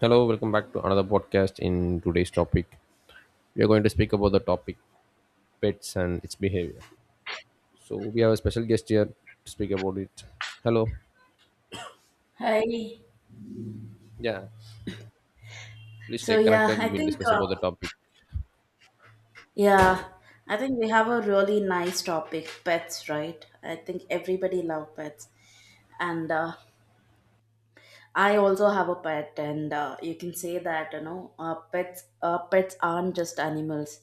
Hello, welcome back to another podcast. In today's topic, we are going to speak about the topic pets and its behavior. So we have a special guest here to speak about it. Hello. Hi. Yeah. Please So stay yeah, connected. I We'll think discuss about the topic. yeah, we have a really nice topic, pets, right? I think everybody love pets, and I also have a pet, and you can say that pets aren't just animals,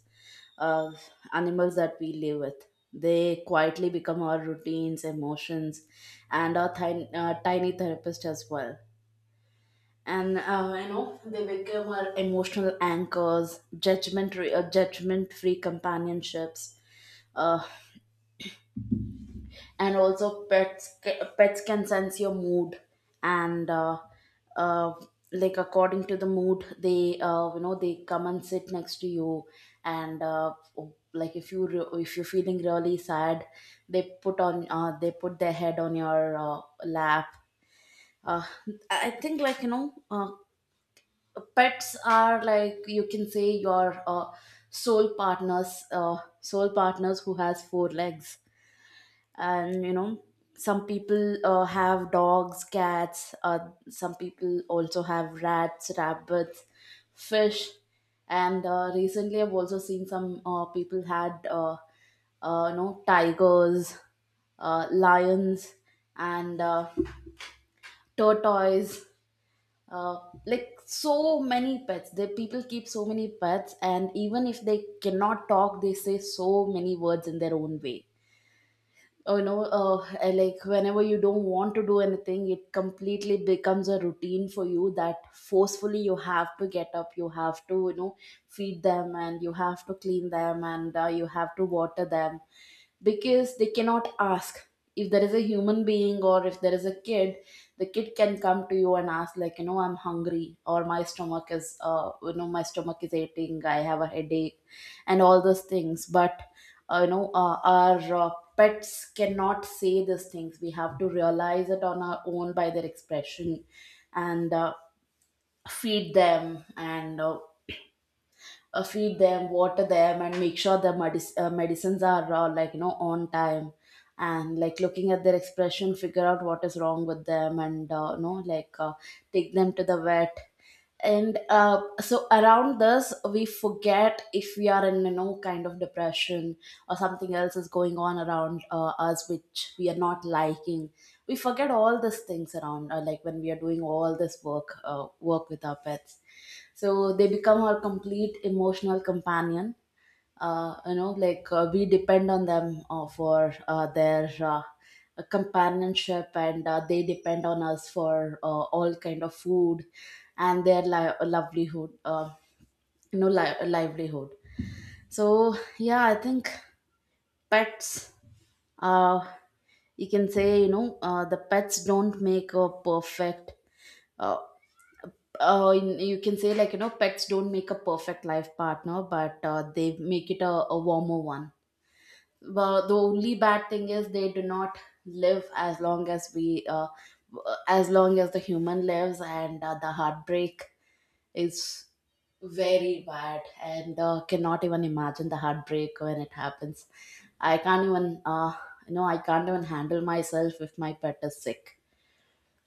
uh, animals that we live with. They quietly become our routines, emotions, and our tiny therapist as well. And they become our emotional anchors, judgment judgment free companionships. uh, and also pets can sense your mood, and uh, like according to the mood they you know they come and sit next to you. And oh, like if you're feeling really sad, they put their head on your lap. uh, I think like pets are, like, you can say your soul partners who has four legs. And some people have dogs, cats, some people also have rats, rabbits, fish, and recently I've also seen some people had tigers, lions, and tortoise, uh, like so many pets. The people keep so many pets, and even if they cannot talk, they say so many words in their own way. Oh, I like whenever you don't want to do anything, it completely becomes a routine for you, that forcefully you have to get up, you have to feed them, and you have to clean them, and you have to water them, because they cannot ask. If there is a human being, or if there is a kid, the kid can come to you and ask, like, I'm hungry, or my stomach is you know my stomach is aching, I have a headache, and all those things. But our pets cannot say these things. We have to realize it on our own by their expression, and feed them water them, and make sure their medicines are like on time, and like looking at their expression, figure out what is wrong with them, and like take them to the vet. And so around this, we forget if we are in, kind of depression, or something else is going on around us, which we are not liking. We forget all these things around, like when we are doing all this work with our pets. So they become our complete emotional companion. Like we depend on them for their companionship, and they depend on us for all kind of food and their livelihood you know li- livelihood so yeah, I think pets, uh, you can say, the pets don't make a perfect, uh, you can say like, pets don't make a perfect life partner, but they make it a warmer one. Well, the only bad thing is they do not live as long as the human lives, and the heartbreak is very bad, and cannot even imagine the heartbreak when it happens. I can't even you know I can't even handle myself if my pet is sick.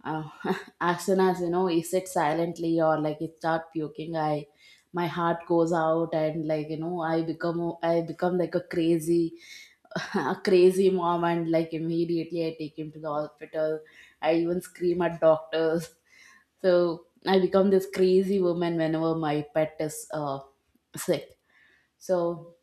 uh, as soon as, you sit silently, or like you start puking, I my heart goes out, and like I become like a crazy, a crazy mom, and like immediately I take him to the hospital. I even scream at doctors. So I become this crazy woman whenever my pet is sick. So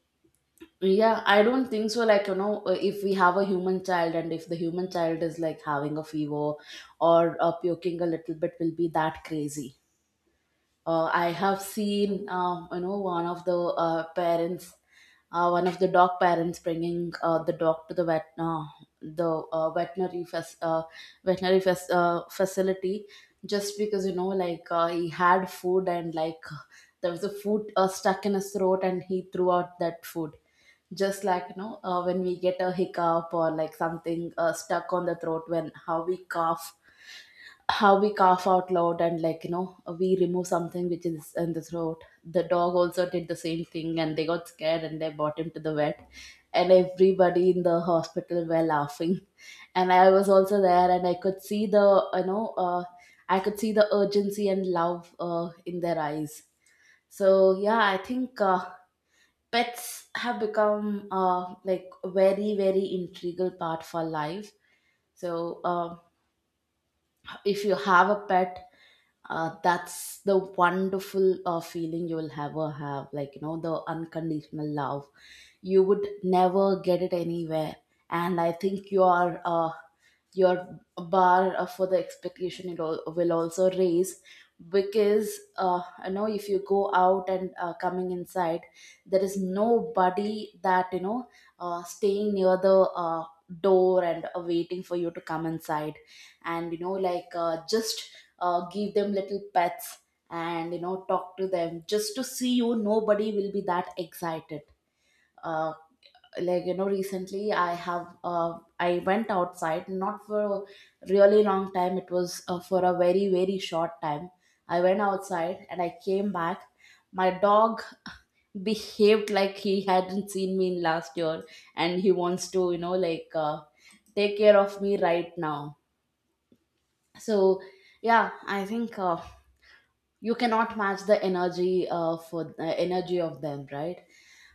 yeah, I don't think so. Like, if we have a human child, and if the human child is like having a fever or puking a little bit, will be that crazy. I have seen, one of the parents one of the dog parents, bringing the dog to the vet, the veterinary facility, just because like he had food, and like there was a food stuck in his throat, and he threw out that food. Just like when we get a hiccup, or like something stuck on the throat, when how we cough out loud, and like we remove something which is in the throat, the dog also did the same thing, and they got scared, and they brought him to the vet. And everybody in the hospital were laughing, and I was also there, and I could see the urgency and love in their eyes. So yeah, I think pets have become like a very, very integral part of our life. So if you have a pet, that's the wonderful feeling you will ever have, like the unconditional love. You would never get it anywhere. And I think your bar for the expectation, it all, will also raise, because if you go out and coming inside, there is nobody that, staying near the door and waiting for you to come inside. And like just give them little pets, and talk to them just to see you. Nobody will be that excited. uh, like recently I went outside, not for a really long time, it was for a very, very short time. I went outside and I came back. My dog behaved like he hadn't seen me in last year, and he wants to, like take care of me right now. So yeah, I think you cannot match the energy of them, right?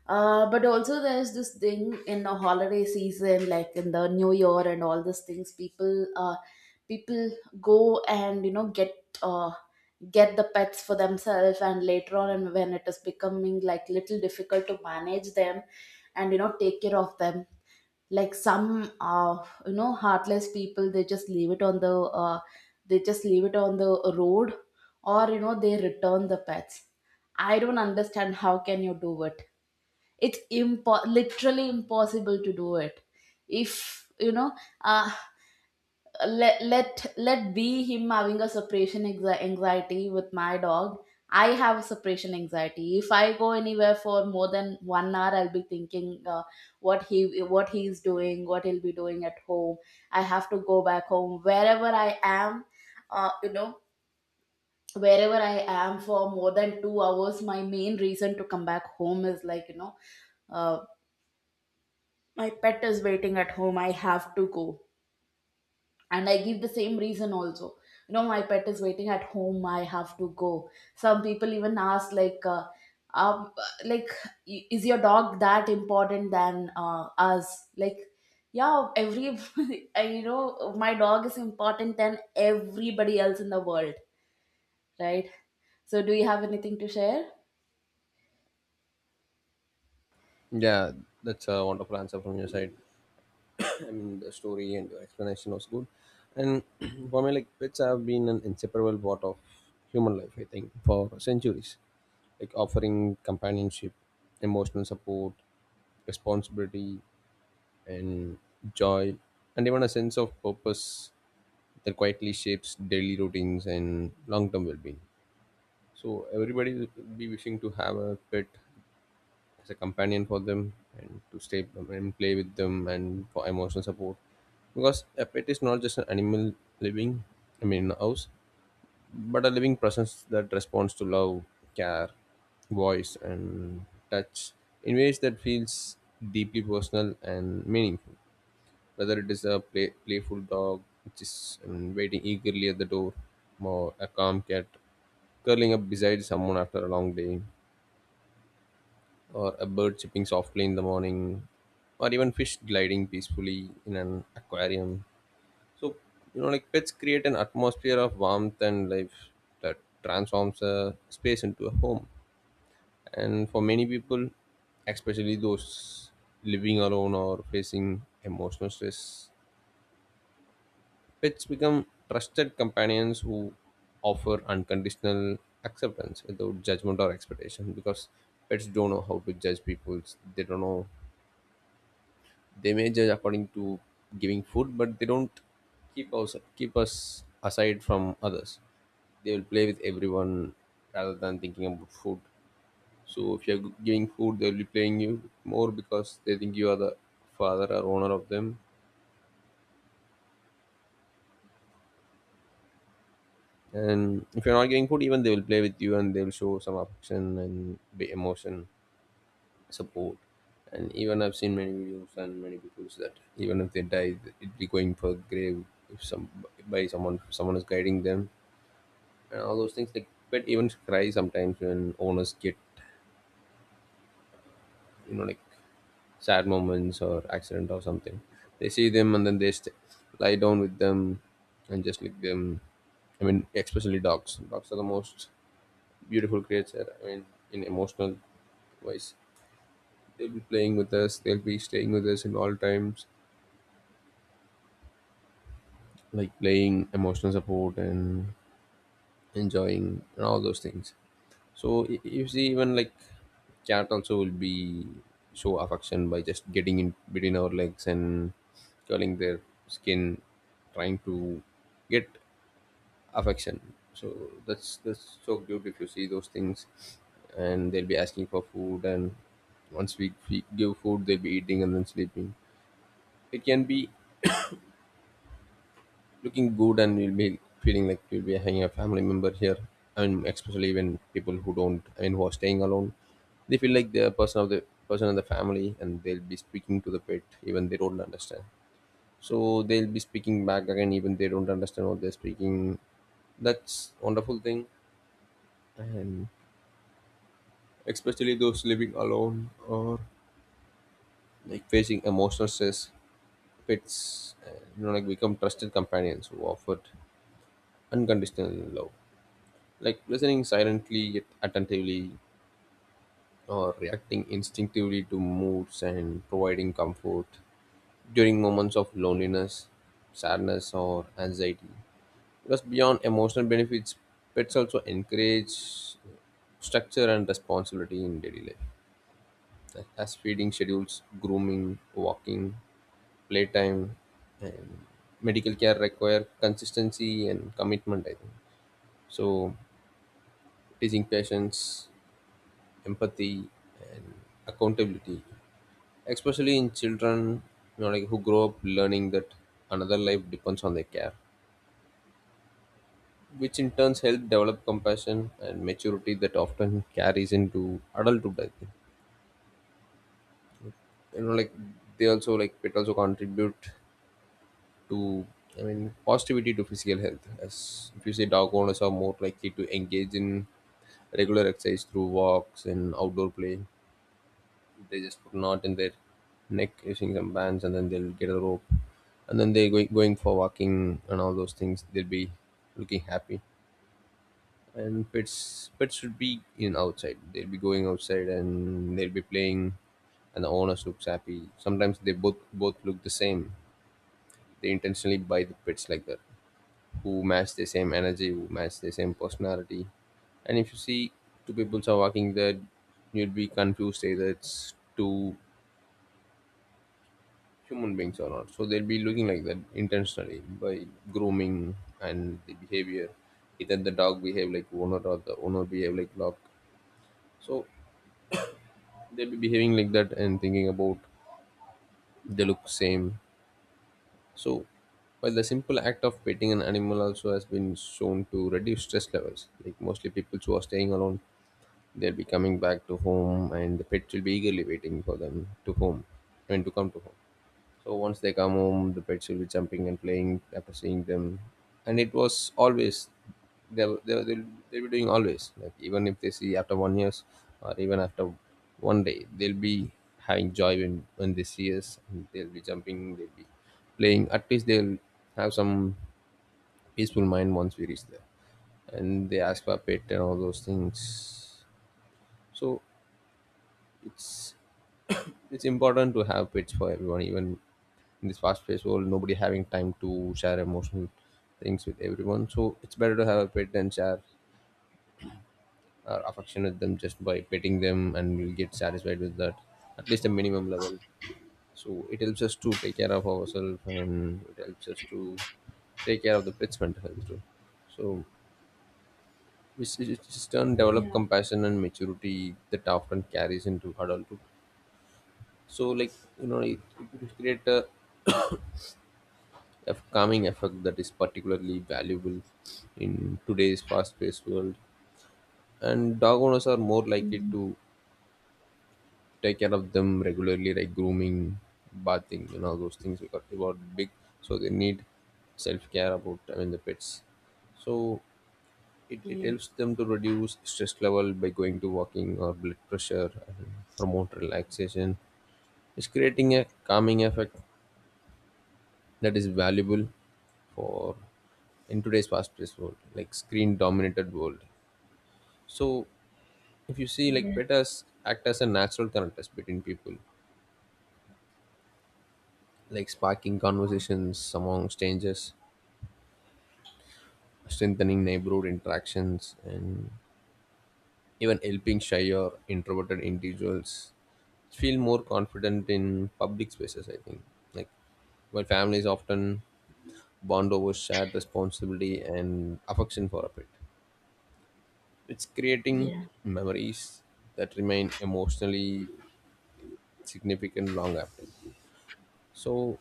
But also, there's this thing in the holiday season, like in the new year and all these things, people go and uh, get the pets for themselves, and later on, and when it is becoming like little difficult to manage them and take care of them, like some heartless people, they just leave it on the they just leave it on the road, or they return the pets. I don't understand how can you do it. It's literally impossible to do it. If you know, uh, let be him having a separation anxiety with my dog. I have a separation anxiety. If I go anywhere for more than one hour, I'll be thinking, what he's doing, what he'll be doing at home. I have to go back home wherever I am, uh, you know for more than 2 hours. My main reason to come back home is, like, uh, my pet is waiting at home, I have to go. And I give the same reason also. My pet is waiting at home, I have to go. Some people even ask, like, um, like, is your dog that important than us, like, yeah, every, my dog is important than everybody else in the world, right? So do you have anything to share? Yeah, that's a wonderful answer from your side. I mean, the story and your explanation was good. And for me, like pets have been an inseparable part of human life. I think for centuries, like offering companionship, emotional support, responsibility, and joy and even a sense of purpose that quietly shapes daily routines and long-term well-being, so everybody will be wishing to have a pet as a companion for them and to stay and play with them and for emotional support, because a pet is not just an animal living, I mean in a house, but a living presence that responds to love, care, voice and touch in ways that feels deeply personal and meaningful, whether it is a playful dog which is waiting eagerly at the door, or a calm cat curling up beside someone after a long day, or a bird chirping softly in the morning, or even fish gliding peacefully in an aquarium. So, like pets create an atmosphere of warmth and life that transforms a space into a home. And for many people, especially those living alone or facing emotional stress, pets become trusted companions who offer unconditional acceptance without judgment or expectation, because pets don't know how to judge people. They don't know. They may judge according to giving food, but they don't keep us aside from others. They will play with everyone rather than thinking about food. So if you're giving food, they'll be playing you more because they think you are the father or owner of them. And if you're not getting food, even they will play with you and they will show some affection and be emotion, support. And even I've seen many videos and many people that even if they die, it be going for grave if some by someone someone is guiding them and all those things. Like pet even cry sometimes when owners get, like sad moments or accident or something. They see them and then they lie down with them and just lick them. I mean, especially dogs. Dogs are the most beautiful creature. I mean, in emotional wise, they'll be playing with us. They'll be staying with us in all times, like playing emotional support and enjoying and all those things. So you see, even like cat also will be show affection by just getting in between our legs and curling their skin, trying to get affection. So that's so cute if you see those things. And they'll be asking for food, and once we give food they'll be eating and then sleeping. It can be looking good and you'll be feeling like you'll be having a family member here, and especially when people who don't, I mean who are staying alone, they feel like they're a person of the person in the family, and they'll be speaking to the pet even they don't understand, so they'll be speaking back again even they don't understand what they're speaking. That's wonderful thing. And especially those living alone or like facing emotional stress, pets, like become trusted companions who offered unconditional love, like listening silently yet attentively, or reacting instinctively to moods and providing comfort during moments of loneliness, sadness or anxiety, because beyond emotional benefits pets also encourage structure and responsibility in daily life. Like, as feeding schedules, grooming, walking, playtime and medical care require consistency and commitment, I think, so teaching patience, empathy and accountability especially in children, who grow up learning that another life depends on their care, which in turns help develop compassion and maturity that often carries into adulthood, I think. You know like they also like It also contribute to, I mean positivity to physical health. As if you say dog owners are more likely to engage in regular exercise through walks and outdoor play. They just put knot in their neck using some bands and then they'll get a rope. And then they're going for walking and all those things. They'll be looking happy. And pets should be in outside. They'll be going outside and they'll be playing, and the owners looks happy. Sometimes they both look the same. They intentionally buy the pets like that, who match the same energy, who match the same personality. And if you see two people are walking there, you'd be confused either it's two human beings or not. So they'll be looking like that intentionally by grooming and the behavior. Either the dog behave like owner or the owner behave like dog. So they'll be behaving like that and thinking about they look same. So while the simple act of petting an animal also has been shown to reduce stress levels, like mostly people who are staying alone, they'll be coming back to home, and the pets will be eagerly waiting for them to home, and to come to home. So once they come home, the pets will be jumping and playing after seeing them, and it was always they they they'll, they'll be doing always. Like even if they see after one years or even after one day, they'll be having joy when they see us. And they'll be jumping, they'll be playing. At least they'll have some peaceful mind once we reach there and they ask for a pet and all those things. So it's it's important to have pets for everyone, even in this fast paced world nobody having time to share emotional things with everyone, so it's better to have a pet and share our affection with them just by petting them and we'll get satisfied with that, at least a minimum level. So it helps us to take care of ourselves, and it helps us to take care of the pet's mental health too. So which is just turn develop Yeah. compassion and maturity that often carries into adulthood. So like it will create a a calming effect that is particularly valuable in today's fast-paced world. And dog owners are more likely to take care of them regularly, like grooming, bathing, and all those things because they are big, so they need self-care about, I mean the pets. So it Yeah. helps them to reduce stress level by going to walking or blood pressure and promote relaxation. It's creating a calming effect that is valuable for in today's fast-paced world, like screen-dominated world. So, if you see, like Yeah, betas act as a natural connectors between people, like sparking conversations among strangers, strengthening neighborhood interactions, and even helping shy or introverted individuals feel more confident in public spaces, I think, like while families often bond over shared responsibility and affection for a pet. It's creating yeah. memories that remain emotionally significant long after. So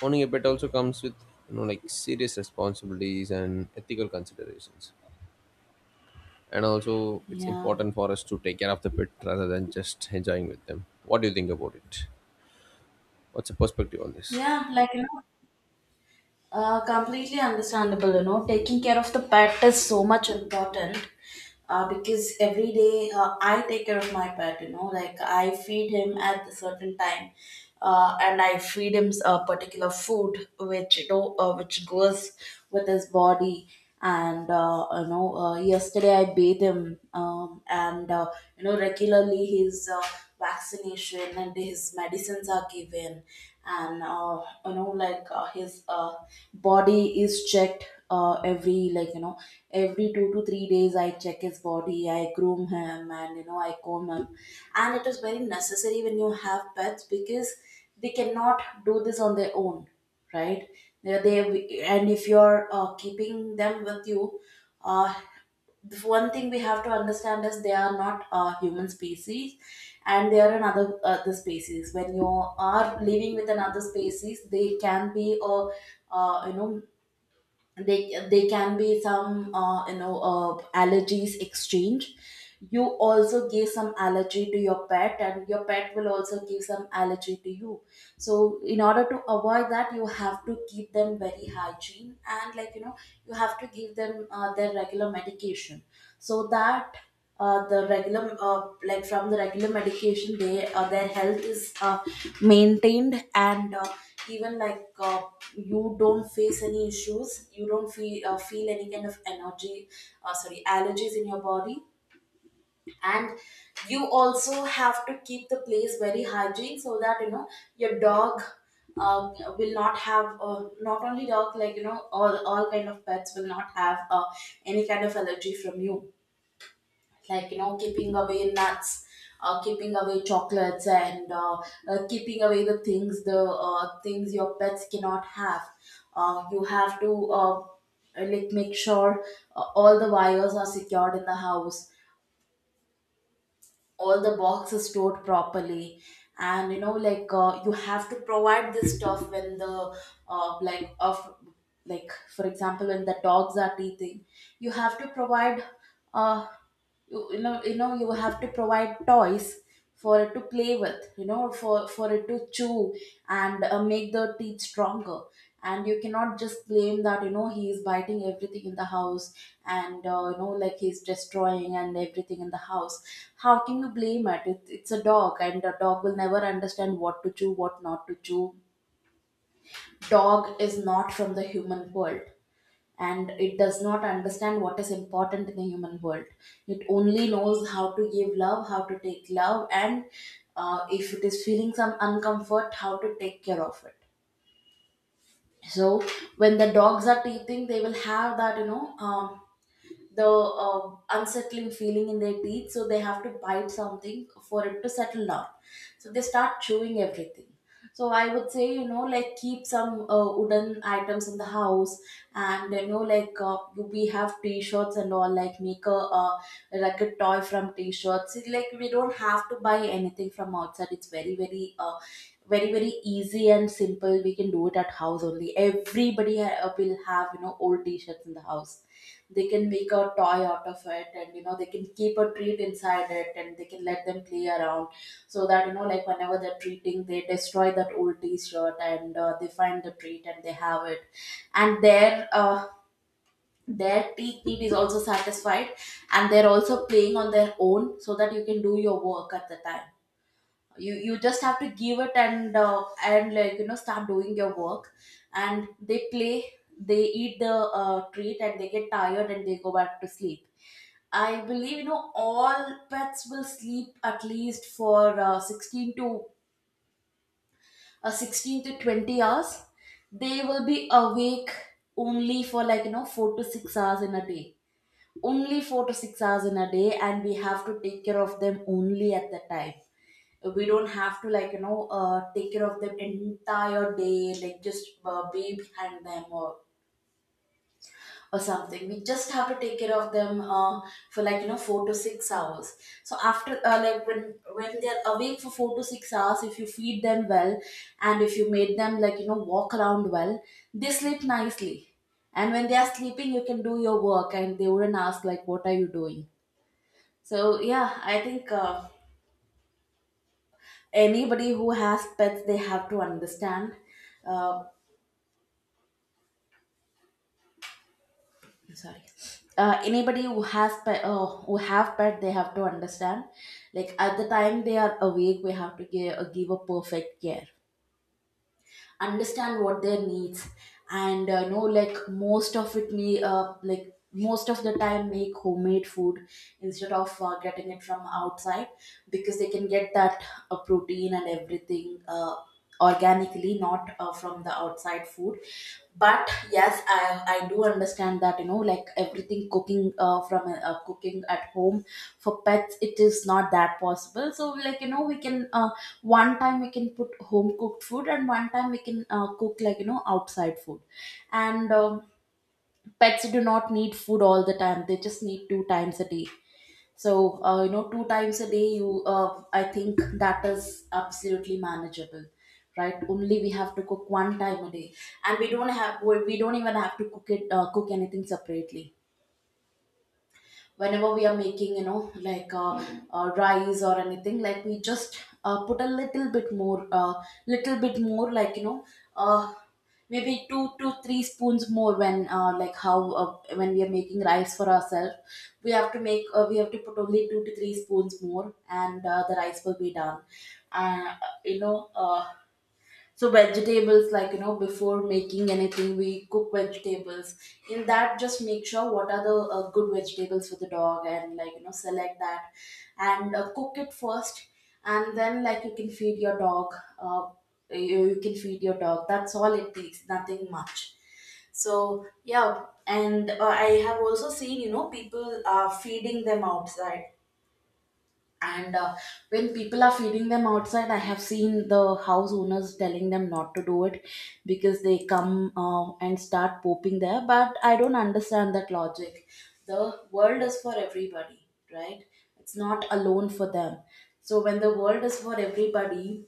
owning a pet also comes with, like serious responsibilities and ethical considerations. And also it's Yeah. important for us to take care of the pet rather than just enjoying with them. What do you think about it? What's your perspective on this? Yeah, like completely understandable. Taking care of the pet is so much important, because every day I take care of my pet, like I feed him at a certain time, and I feed him a particular food which goes with his body. And yesterday I bathe him, and regularly his vaccination and his medicines are given. And like his body is checked every like you know every 2 to 3 days. I check his body, I groom him, and I comb him. And it is very necessary when you have pets, because they cannot do this on their own, right? They And if you're keeping them with you, uh, the one thing we have to understand is they are not a human species, and they are another other species. When you are living with another species, they can be a you know they can be some allergies exchange. You also give some allergy to your pet, and your pet will also give some allergy to you, so in order to avoid that you have to keep them very hygiene and like you know you have to give them their regular medication, so that the regular medication they their health is maintained. And even like you don't face any issues, you don't feel feel any kind of energy, sorry, allergies in your body. And you also have to keep the place very hygiene so that you know your dog will not have, not only dog, like you know all kind of pets will not have any kind of allergy from you. Like you know, keeping away nuts, keeping away chocolates, and keeping away the things, the things your pets cannot have. You have to like make sure all the wires are secured in the house, all the boxes stored properly. And you know like you have to provide this stuff when the uh, like of like for example when the dogs are teething, you have to provide, uh, you know, you have to provide toys for it to play with, you know, for it to chew and make the teeth stronger. And you cannot just blame that, you know, he is biting everything in the house and you know like he's destroying and everything in the house. How can you blame it? It's a dog, and a dog will never understand what to chew, what not to chew. Dog is not from the human world, and it does not understand what is important in the human world. It only knows how to give love, how to take love, and if it is feeling some uncomfort, how to take care of it. So when the dogs are teething, they will have that, you know, the unsettling feeling in their teeth, so they have to bite something for it to settle down, so they start chewing everything. So I would say, you know, like keep some wooden items in the house. And you know like we have t-shirts and all, like make a like a toy from t-shirts. It's like we don't have to buy anything from outside, it's very very easy and simple, we can do it at house only. Everybody will have, you know, old t-shirts in the house, they can make a toy out of it, and you know they can keep a treat inside it and they can let them play around. So that you know like whenever they're treating, they destroy that old t-shirt and they find the treat and they have it, and their teeth need is also satisfied. And they're also playing on their own, so that you can do your work at the time. You just have to give it and like you know start doing your work, and they play, they eat the treat and they get tired and they go back to sleep. I believe, you know, all pets will sleep at least for 16 to 20 hours. They will be awake only for like you know 4 to 6 hours in a day, only 4 to 6 hours in a day, and we have to take care of them only at that time. We don't have to like you know take care of them entire day, like just be behind them or something. We just have to take care of them for like you know 4 to 6 hours. So after like when they're awake for 4 to 6 hours, if you feed them well, and if you made them like you know walk around well, they sleep nicely. And when they are sleeping, you can do your work and they wouldn't ask like what are you doing. So yeah, I think anybody who has pets, they have to understand, uh, sorry, anybody who has pet who have pet, they have to understand, like at the time they are awake we have to give a perfect care, understand what their needs. And know like most of it me like most of the time make homemade food instead of getting it from outside, because they can get that protein and everything organically, not from the outside food. But yes, I do understand that you know like everything cooking from cooking at home for pets it is not that possible. So like you know we can one time we can put home cooked food, and one time we can cook like you know outside food. And pets do not need food all the time, they just need two times a day. So, you know, two times a day, I think that is absolutely manageable, right? Only we have to cook one time a day, and we don't even have to cook it, cook anything separately. Whenever we are making you know like rice or anything, like we just put a little bit more little bit more, like you know, uh, maybe 2 to 3 spoons more. When like how when we are making rice for ourselves, we have to make we have to put only 2 to 3 spoons more, and the rice will be done. uh, you know uh, so vegetables, like you know, before making anything, we cook vegetables. In that, just make sure what are the good vegetables for the dog, and like you know, select that, and cook it first, and then like you can feed your dog. Uh, you can feed your dog. That's all it takes. Nothing much. So yeah, and I have also seen, you know, people are feeding them outside. And when people are feeding them outside, I have seen the house owners telling them not to do it, because they come and start pooping there. But I don't understand that logic. The world is for everybody, right? It's not alone for them. So when the world is for everybody,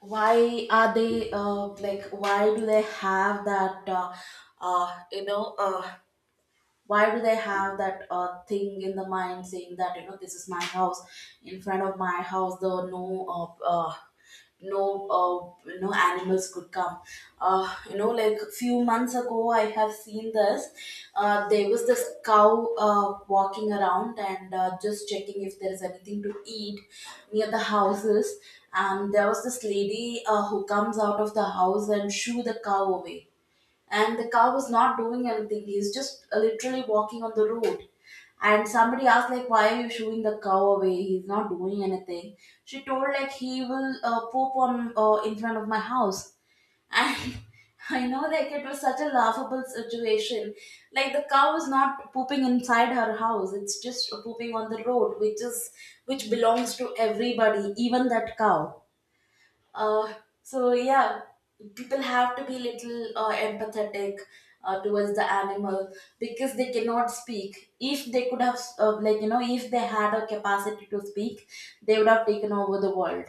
why are they why do they have that uh, you know uh, why do they have that thing in the mind, saying that you know this is my house, in front of my house the no uh, no no animals could come. You know, like few months ago I have seen this. There was this cow walking around and just checking if there is anything to eat near the houses. And there was this lady who comes out of the house and shoo the cow away. And the cow was not doing anything. He's just literally walking on the road. And somebody asked like, "Why are you shooing the cow away? He's not doing anything." She told like, "He will poop on in front of my house." And I know like it was such a laughable situation. Like the cow is not pooping inside her house; it's just pooping on the road, which is which belongs to everybody, even that cow. Uh, so yeah, people have to be little empathetic towards the animal, because they cannot speak. If they could have, like you know, if they had a capacity to speak, they would have taken over the world,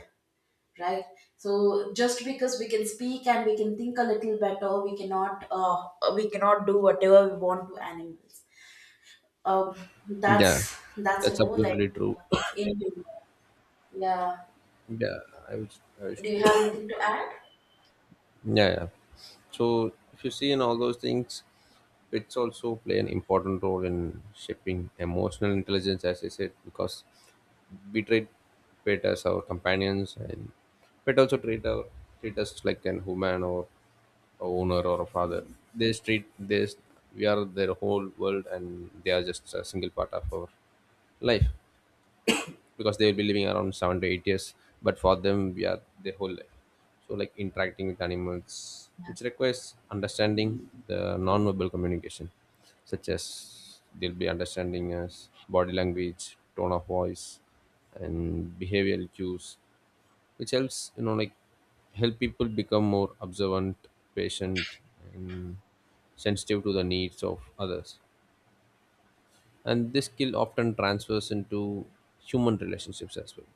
right? So just because we can speak and we can think a little better, we cannot do whatever we want to animals. Um, Yeah, that's you that's know like absolutely true. uh, in yeah. Yeah, I was, Do you have anything to add? yeah, yeah. So if you see in all those things, it's also play an important role in shaping emotional intelligence, as I said, because we treat pet as our companions, and pet also treat us like an human or a owner or a father. They treat this we are their whole world, and they are just a single part of our life, because they will be living around 7 to 8 years, but for them we are their whole life. So like interacting with animals which requires understanding the non-verbal communication, such as they'll be understanding us body language, tone of voice and behavioral cues, which helps, help people become more observant, patient and sensitive to the needs of others, and this skill often transfers into human relationships as well,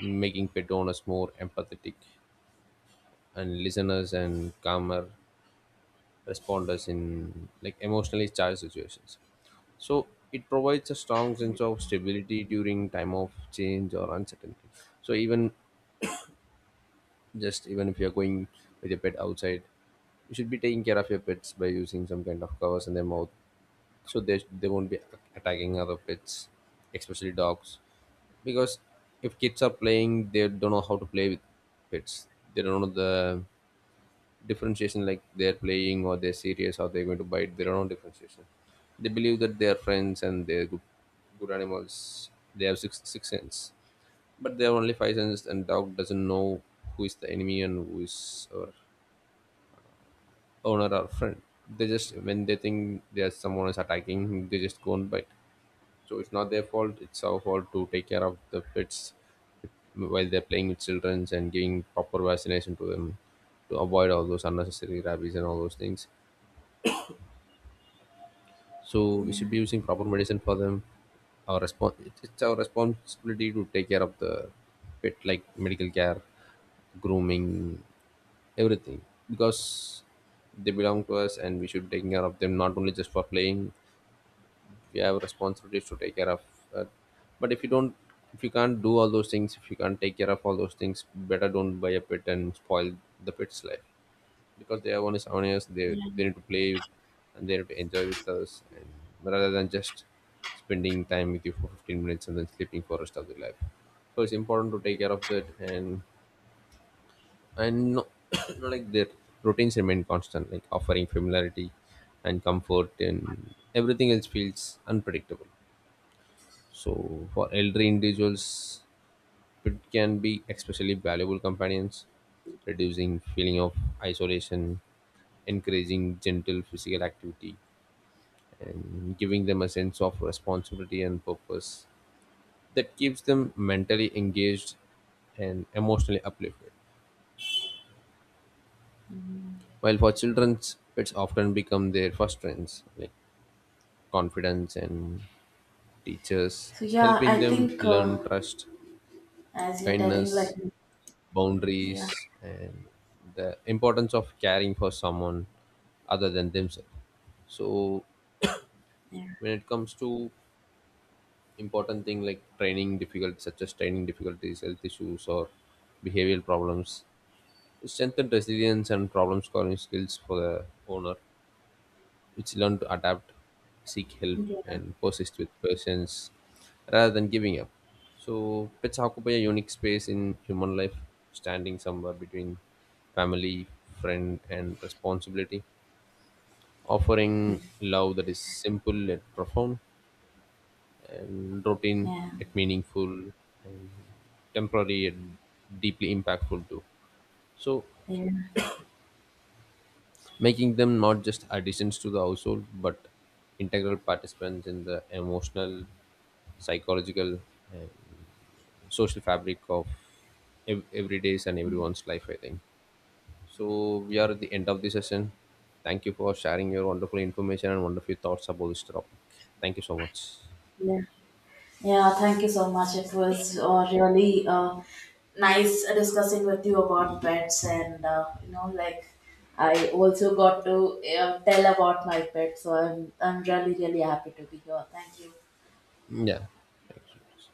making pet owners more empathetic and listeners and calmer responders in like emotionally charged situations. So it provides a strong sense of stability during time of change or uncertainty. So even just even if you're going with your pet outside, you should be taking care of your pets by using some kind of covers in their mouth, so they won't be attacking other pets, especially dogs, because if kids are playing they don't know how to play with pets. They don't know the differentiation, like they're playing or they're serious or they're going to bite, they don't know differentiation. They believe that they are friends and they're good, good animals, they have six sense, but they have only five senses, and dog doesn't know who is the enemy and who is our owner or friend. They just when they think there's someone is attacking, him, they just go and bite. So it's not their fault; it's our fault to take care of the pets while they're playing with children and giving proper vaccination to them to avoid all those unnecessary rabies and all those things. So we should Yeah. be using proper medicine for them. It's our responsibility to take care of the pet, like medical care, grooming, everything, because they belong to us and we should take care of them not only just for playing, we have responsibilities to take care of, uh, but if you don't, if you can't do all those things, if you can't take care of all those things, better don't buy a pet and spoil the pet's life, because they are only 7 years, they need to play with, and they need to enjoy with us, and rather than just spending time with you for 15 minutes and then sleeping for rest of their life. So it's important to take care of that. And no, no, like their routines remain constant, like offering familiarity and comfort, and everything else feels unpredictable. So for elderly individuals it can be especially valuable companions, reducing feeling of isolation, encouraging gentle physical activity, and giving them a sense of responsibility and purpose that keeps them mentally engaged and emotionally uplifted. While for children, pets often become their first friends, like confidence and teachers, So it's yeah, helping I them think learn trust, as you're telling right kindness, now, yeah, boundaries, and the importance of caring for someone other than themselves. So yeah, when it comes to important thing like training difficulties, such as training difficulties, health issues, or behavioral problems, strengthen resilience and problem solving skills for the owner, which learn to adapt, seek help, yeah, and persist with patience rather than giving up. So, pets occupy a unique space in human life, standing somewhere between family, friend, and responsibility, offering love that is simple yet profound, and routine yeah, yet meaningful, temporary yet deeply impactful too. So, yeah, making them not just additions to the household but integral participants in the emotional, psychological, social fabric of every day's and everyone's life, I think. So, we are at the end of the session. Thank you for sharing your wonderful information and wonderful thoughts about this topic. Thank you so much. yeah. Yeah, thank you so much. It was really nice discussing with you about pets, and you know, like I also got to tell about my pet. So I'm really really happy to be here. Thank you. Yeah. Thank you.